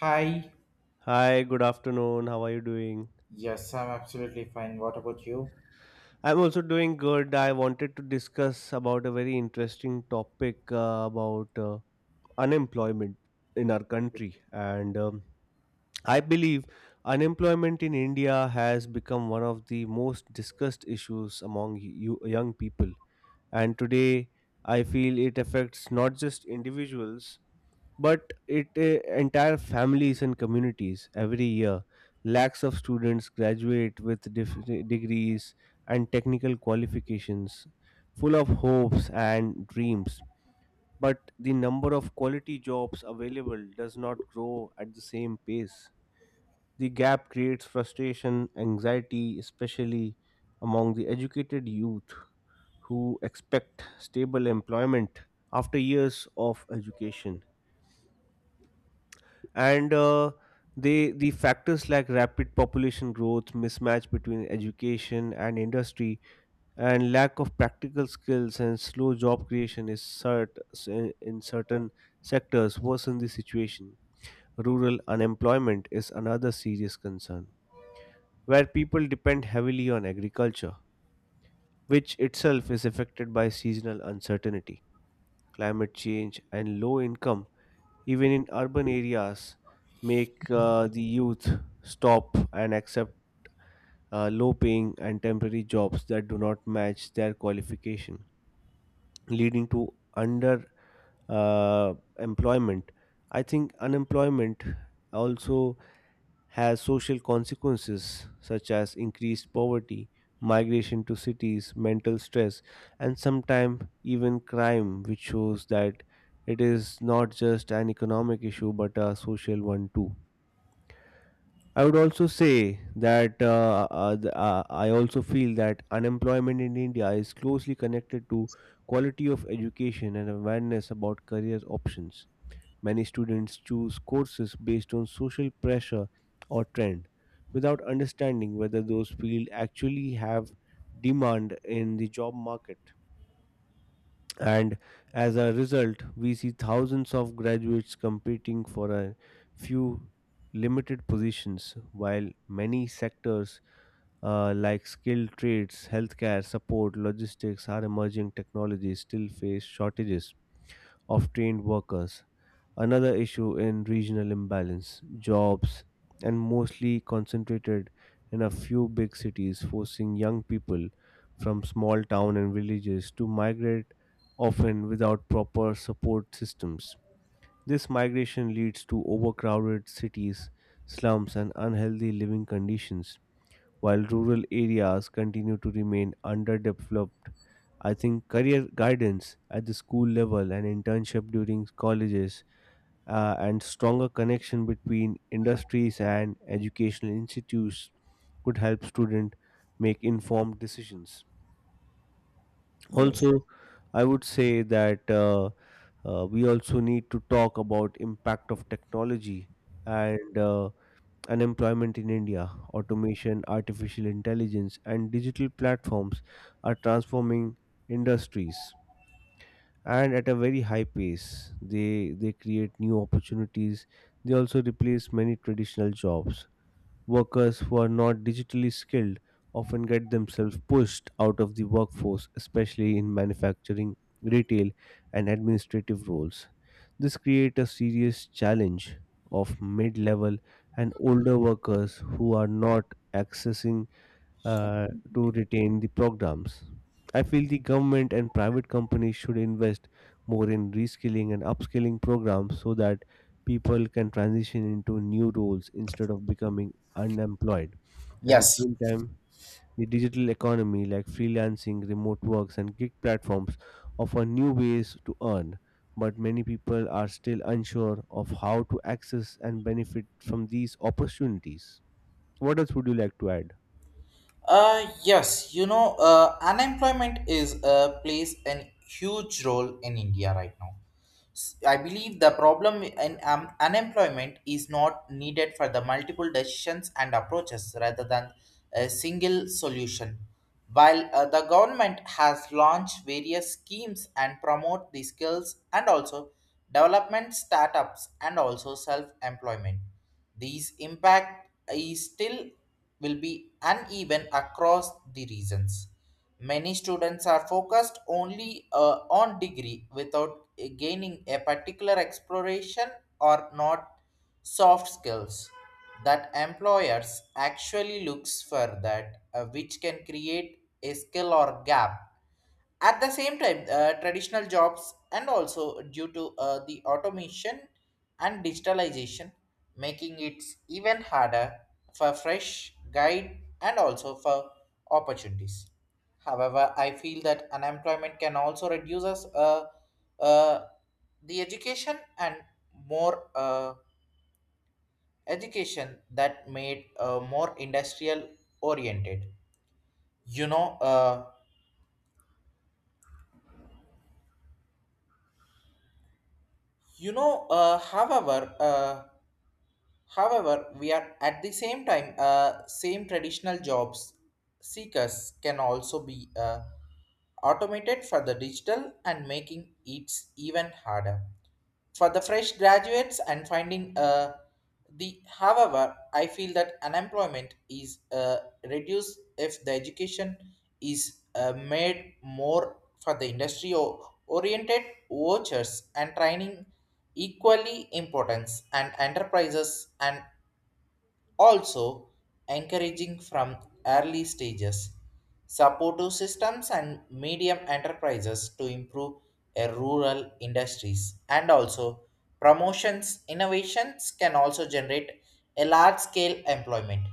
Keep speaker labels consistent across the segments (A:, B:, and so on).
A: Hi.
B: Hi, good afternoon. How are you doing?
A: Yes, I'm absolutely fine. What about you?
B: I'm also doing good. I wanted to discuss about a very interesting topic about unemployment in our country. And I believe unemployment in India has become one of the most discussed issues among you young people. And today, I feel it affects not just individuals but it entire families and communities. Every year lakhs of students graduate with degrees and technical qualifications, full of hopes and dreams, but the number of quality jobs available does not grow at the same pace. The gap creates frustration, anxiety, especially among the educated youth who expect stable employment after years of education. And uh, they the factors like rapid population growth, mismatch between education and industry, and lack of practical skills and slow job creation is in certain sectors worsen the situation. Rural unemployment is another serious concern, where people depend heavily on agriculture, which itself is affected by seasonal uncertainty, climate change, and low income. Even in urban areas, make the youth stop and accept low paying and temporary jobs that do not match their qualification, leading to under uh, employment. I think unemployment also has social consequences such as increased poverty, migration to cities, mental stress, and sometimes even crime, which shows that it is not just an economic issue but a social one too. I would also say that the- I also feel that unemployment in India is closely connected to quality of education and awareness about career options. Many students choose courses based on social pressure or trend without understanding whether those fields actually have demand in the job market. And as a result, we see thousands of graduates competing for a few limited positions, while many sectors like skilled trades, healthcare, support, logistics, or emerging technologies still face shortages of trained workers. Another issue in regional imbalance, jobs, and mostly concentrated in a few big cities, forcing young people from small town and villages to migrate often without proper support systems. This migration leads to overcrowded cities, slums, and unhealthy living conditions, while rural areas continue to remain underdeveloped. I think career guidance at the school level and internship during colleges and stronger connection between industries and educational institutes could help students make informed decisions.
A: Yes.
B: Also, I would say that we also need to talk about impact of technology and unemployment in India. Automation, artificial intelligence, and digital platforms are transforming industries and at a very high pace. They create new opportunities. They also replace many traditional jobs. Workers who are not digitally skilled often get themselves pushed out of the workforce, especially in manufacturing, retail, and administrative roles. This creates a serious challenge of mid-level and older workers who are not accessing uh, to retain the programs. I feel the government and private companies should invest more in reskilling and upskilling programs so that people can transition into new roles instead of becoming unemployed. At the
A: Yes.
B: same time, the digital economy like freelancing, remote works, and gig platforms offer new ways to earn, but many people are still unsure of how to access and benefit from these opportunities. What else would you like to add?
A: Yes, you know, unemployment is plays a huge role in India right now. I believe the problem in unemployment is not needed for the multiple decisions and approaches rather than a single solution. While the government has launched various schemes and promote the skills and also development startups and also self-employment, these impact is still will be uneven across the regions. Many students are focused only on degree without gaining a particular exploration or not soft skills that employers actually looks for that which can create a skill or gap at the same time, traditional jobs and also due to the automation and digitalization, making it even harder for fresh guide and also for opportunities. However, I feel that unemployment can also reduce us uh, the education and more education that made more industrial oriented. You know, uh, you know. Uh, however. Uh, However, we are at the same time, same traditional jobs seekers can also be automated for the digital and making it even harder for the fresh graduates and finding the however I feel that unemployment is reduced if the education is made more for the industry or oriented vouchers and training equally importance and enterprises and also, encouraging from early stages, supportive systems and medium enterprises to improve a rural industries and also promotions innovations can also generate a large scale employment,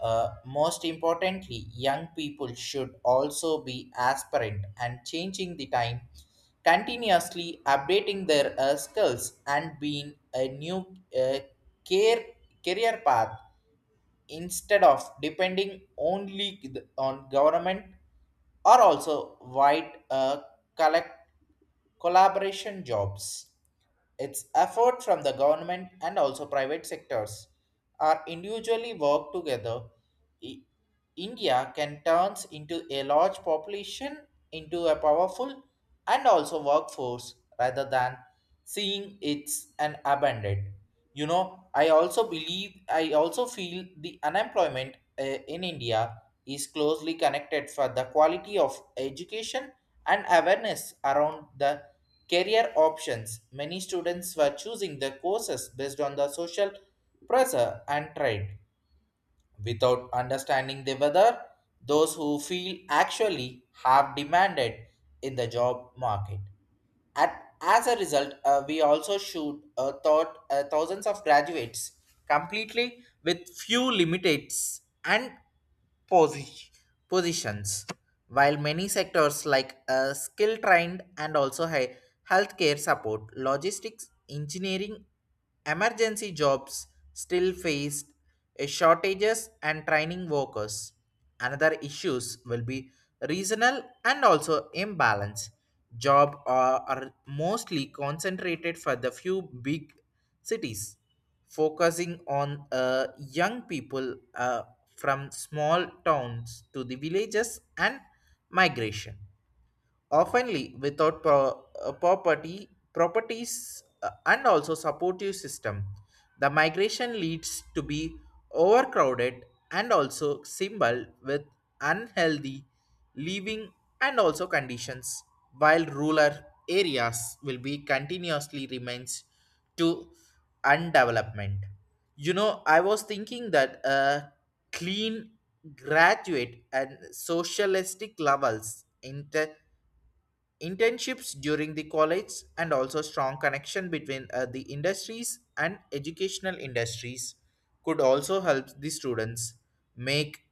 A: most importantly young people should also be aspirant and changing the time continuously updating their skills and being a new uh, care career path instead of depending only on government are also wide collect collaboration jobs. Its effort from the government and also private sectors are individually work together. I- India can turns into a large population into a powerful and also workforce rather than seeing it's an abandoned. You know, I also believe, I also feel the unemployment in India is closely connected for the quality of education and awareness around the career options. Many students were choosing the courses based on the social pressure and trend without understanding the whether those who feel actually have demanded in the job market. At, as a result, we also shoot taught thousands of graduates completely with few limitates and posi- positions. While many sectors like skill trained and also healthcare support, logistics, engineering, emergency jobs still faced a shortages and training workers. Another issues will be regional and also imbalance. Job are mostly concentrated for the few big cities focusing on young people from small towns to the villages and migration oftenly without property properties and also supportive system, the migration leads to be overcrowded and also symbol with unhealthy living and also conditions while rural areas will be continuously remains to undevelopment. You know, I was thinking that clean graduate and socialistic levels internships during the college and also strong connection between the industries and educational industries could also help the students make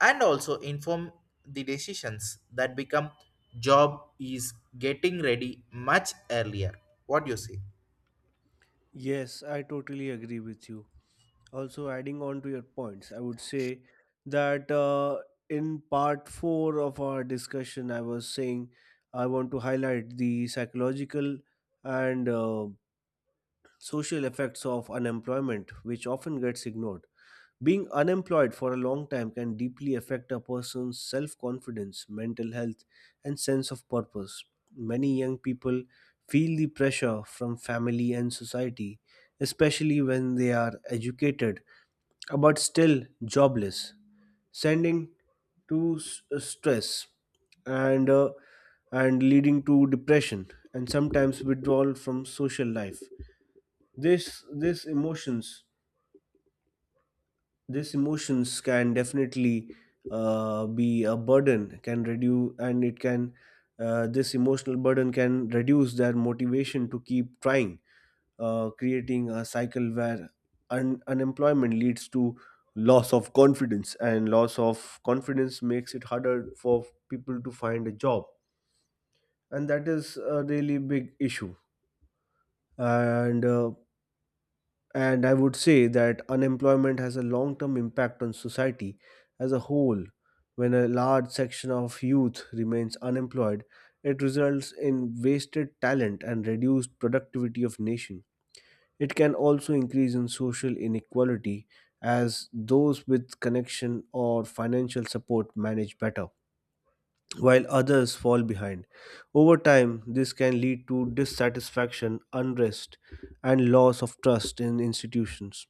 A: and also inform the decisions that become job is getting ready much earlier. What do you say?
B: Yes, I totally agree with you. Also, adding on to your points, I would say that in part four of our discussion, I was saying I want to highlight the psychological and social effects of unemployment, which often gets ignored. Being unemployed for a long time can deeply affect a person's self confidence, mental health, and sense of purpose. Many young people feel the pressure from family and society, especially when they are educated but still jobless, sending to stress and uh, and leading to depression and sometimes withdrawal from social life. This this emotions these emotions can definitely be a burden can reduce and it can this emotional burden can reduce their motivation to keep trying, creating a cycle where unemployment leads to loss of confidence, and loss of confidence makes it harder for people to find a job, and that is a really big issue. And uh, And I would say that unemployment has a long term impact on society as a whole. When a large section of youth remains unemployed, it results in wasted talent and reduced productivity of nation. It can also increase in social inequality, as those with connection or financial support manage better, while others fall behind. Over time, this can lead to dissatisfaction, unrest, and loss of trust in institutions.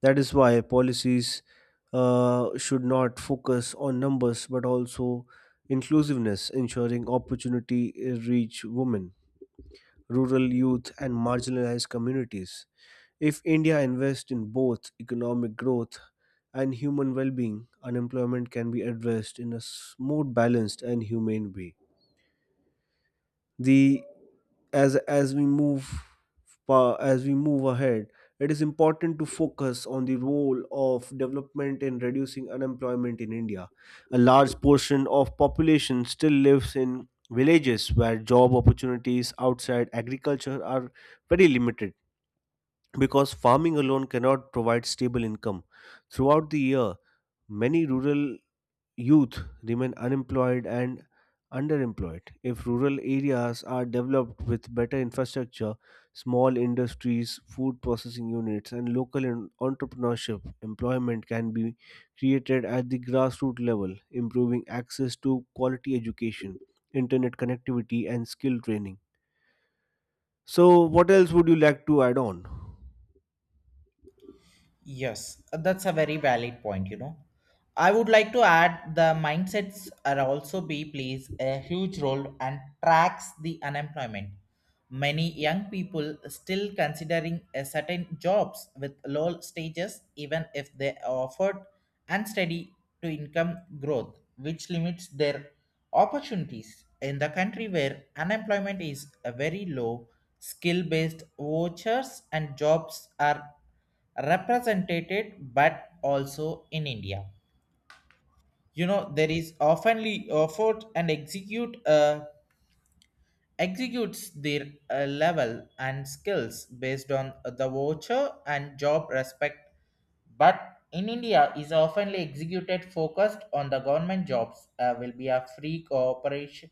B: That is why policies should not focus on numbers but also inclusiveness, ensuring opportunity reach women, rural youth, and marginalized communities. If India invests in both economic growth and human well being, unemployment can be addressed in a more balanced and humane way. The as as we move as we move ahead, it is important to focus on the role of development in reducing unemployment in India. A large portion of population still lives in villages where job opportunities outside agriculture are very limited. Because farming alone cannot provide stable income throughout the year, many rural youth remain unemployed and underemployed. If rural areas are developed with better infrastructure, small industries, food processing units, and local entrepreneurship, employment can be created at the grassroots level, improving access to quality education, internet connectivity, and skill training. So, what else would you like to add on?
A: Yes, that's a very valid point, you know. I would like to add the mindsets are also be plays a huge role and tracks the unemployment. Many young people still considering a certain jobs with low stages even if they are offered unsteady to income growth, which limits their opportunities. In the country where unemployment is a very low, skill-based vouchers and jobs are represented but also in India. You know, there is oftenly effort and execute a executes their level and skills based on the voucher and job respect but in India is often executed focused on the government jobs will be a free cooperation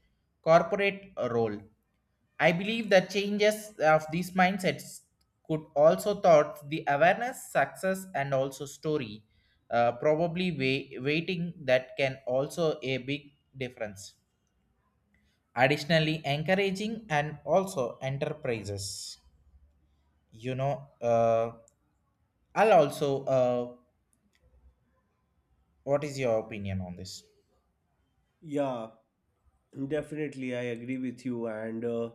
A: corporate role. I believe the changes of these mindsets could also thought the awareness success and also story, probably way, waiting that can also a big difference. Additionally encouraging and also enterprises, you know uh, I'll also what is your opinion on this?
B: Yeah, definitely, I agree with you, and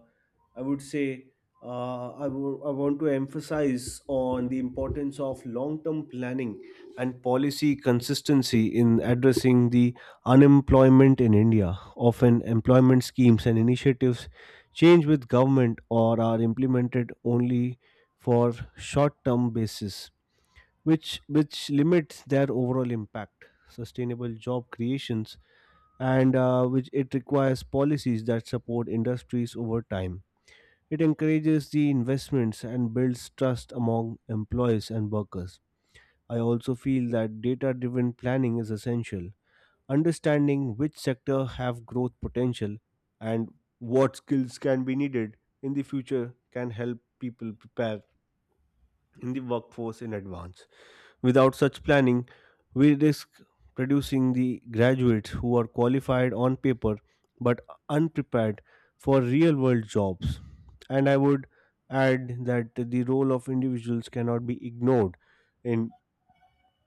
B: I would say I want to emphasize on the importance of long-term planning and policy consistency in addressing the unemployment in India. Often, employment schemes and initiatives change with government or are implemented only for short-term basis, which limits their overall impact. Sustainable job creations and which it requires policies that support industries over time. It encourages the investments and builds trust among employees and workers. I also feel that data driven planning is essential. Understanding which sector have growth potential and what skills can be needed in the future can help people prepare in the workforce in advance. Without such planning, we risk producing the graduates who are qualified on paper but unprepared for real world jobs. And I would add that the role of individuals cannot be ignored in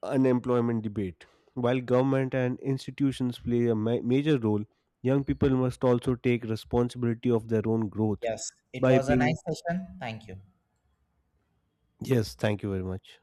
B: unemployment debate. While government and institutions play a major role, young people must also take responsibility of their own growth
A: Yes, it
B: by
A: was a
B: being.
A: nice session, thank you.
B: Yes, thank you very much.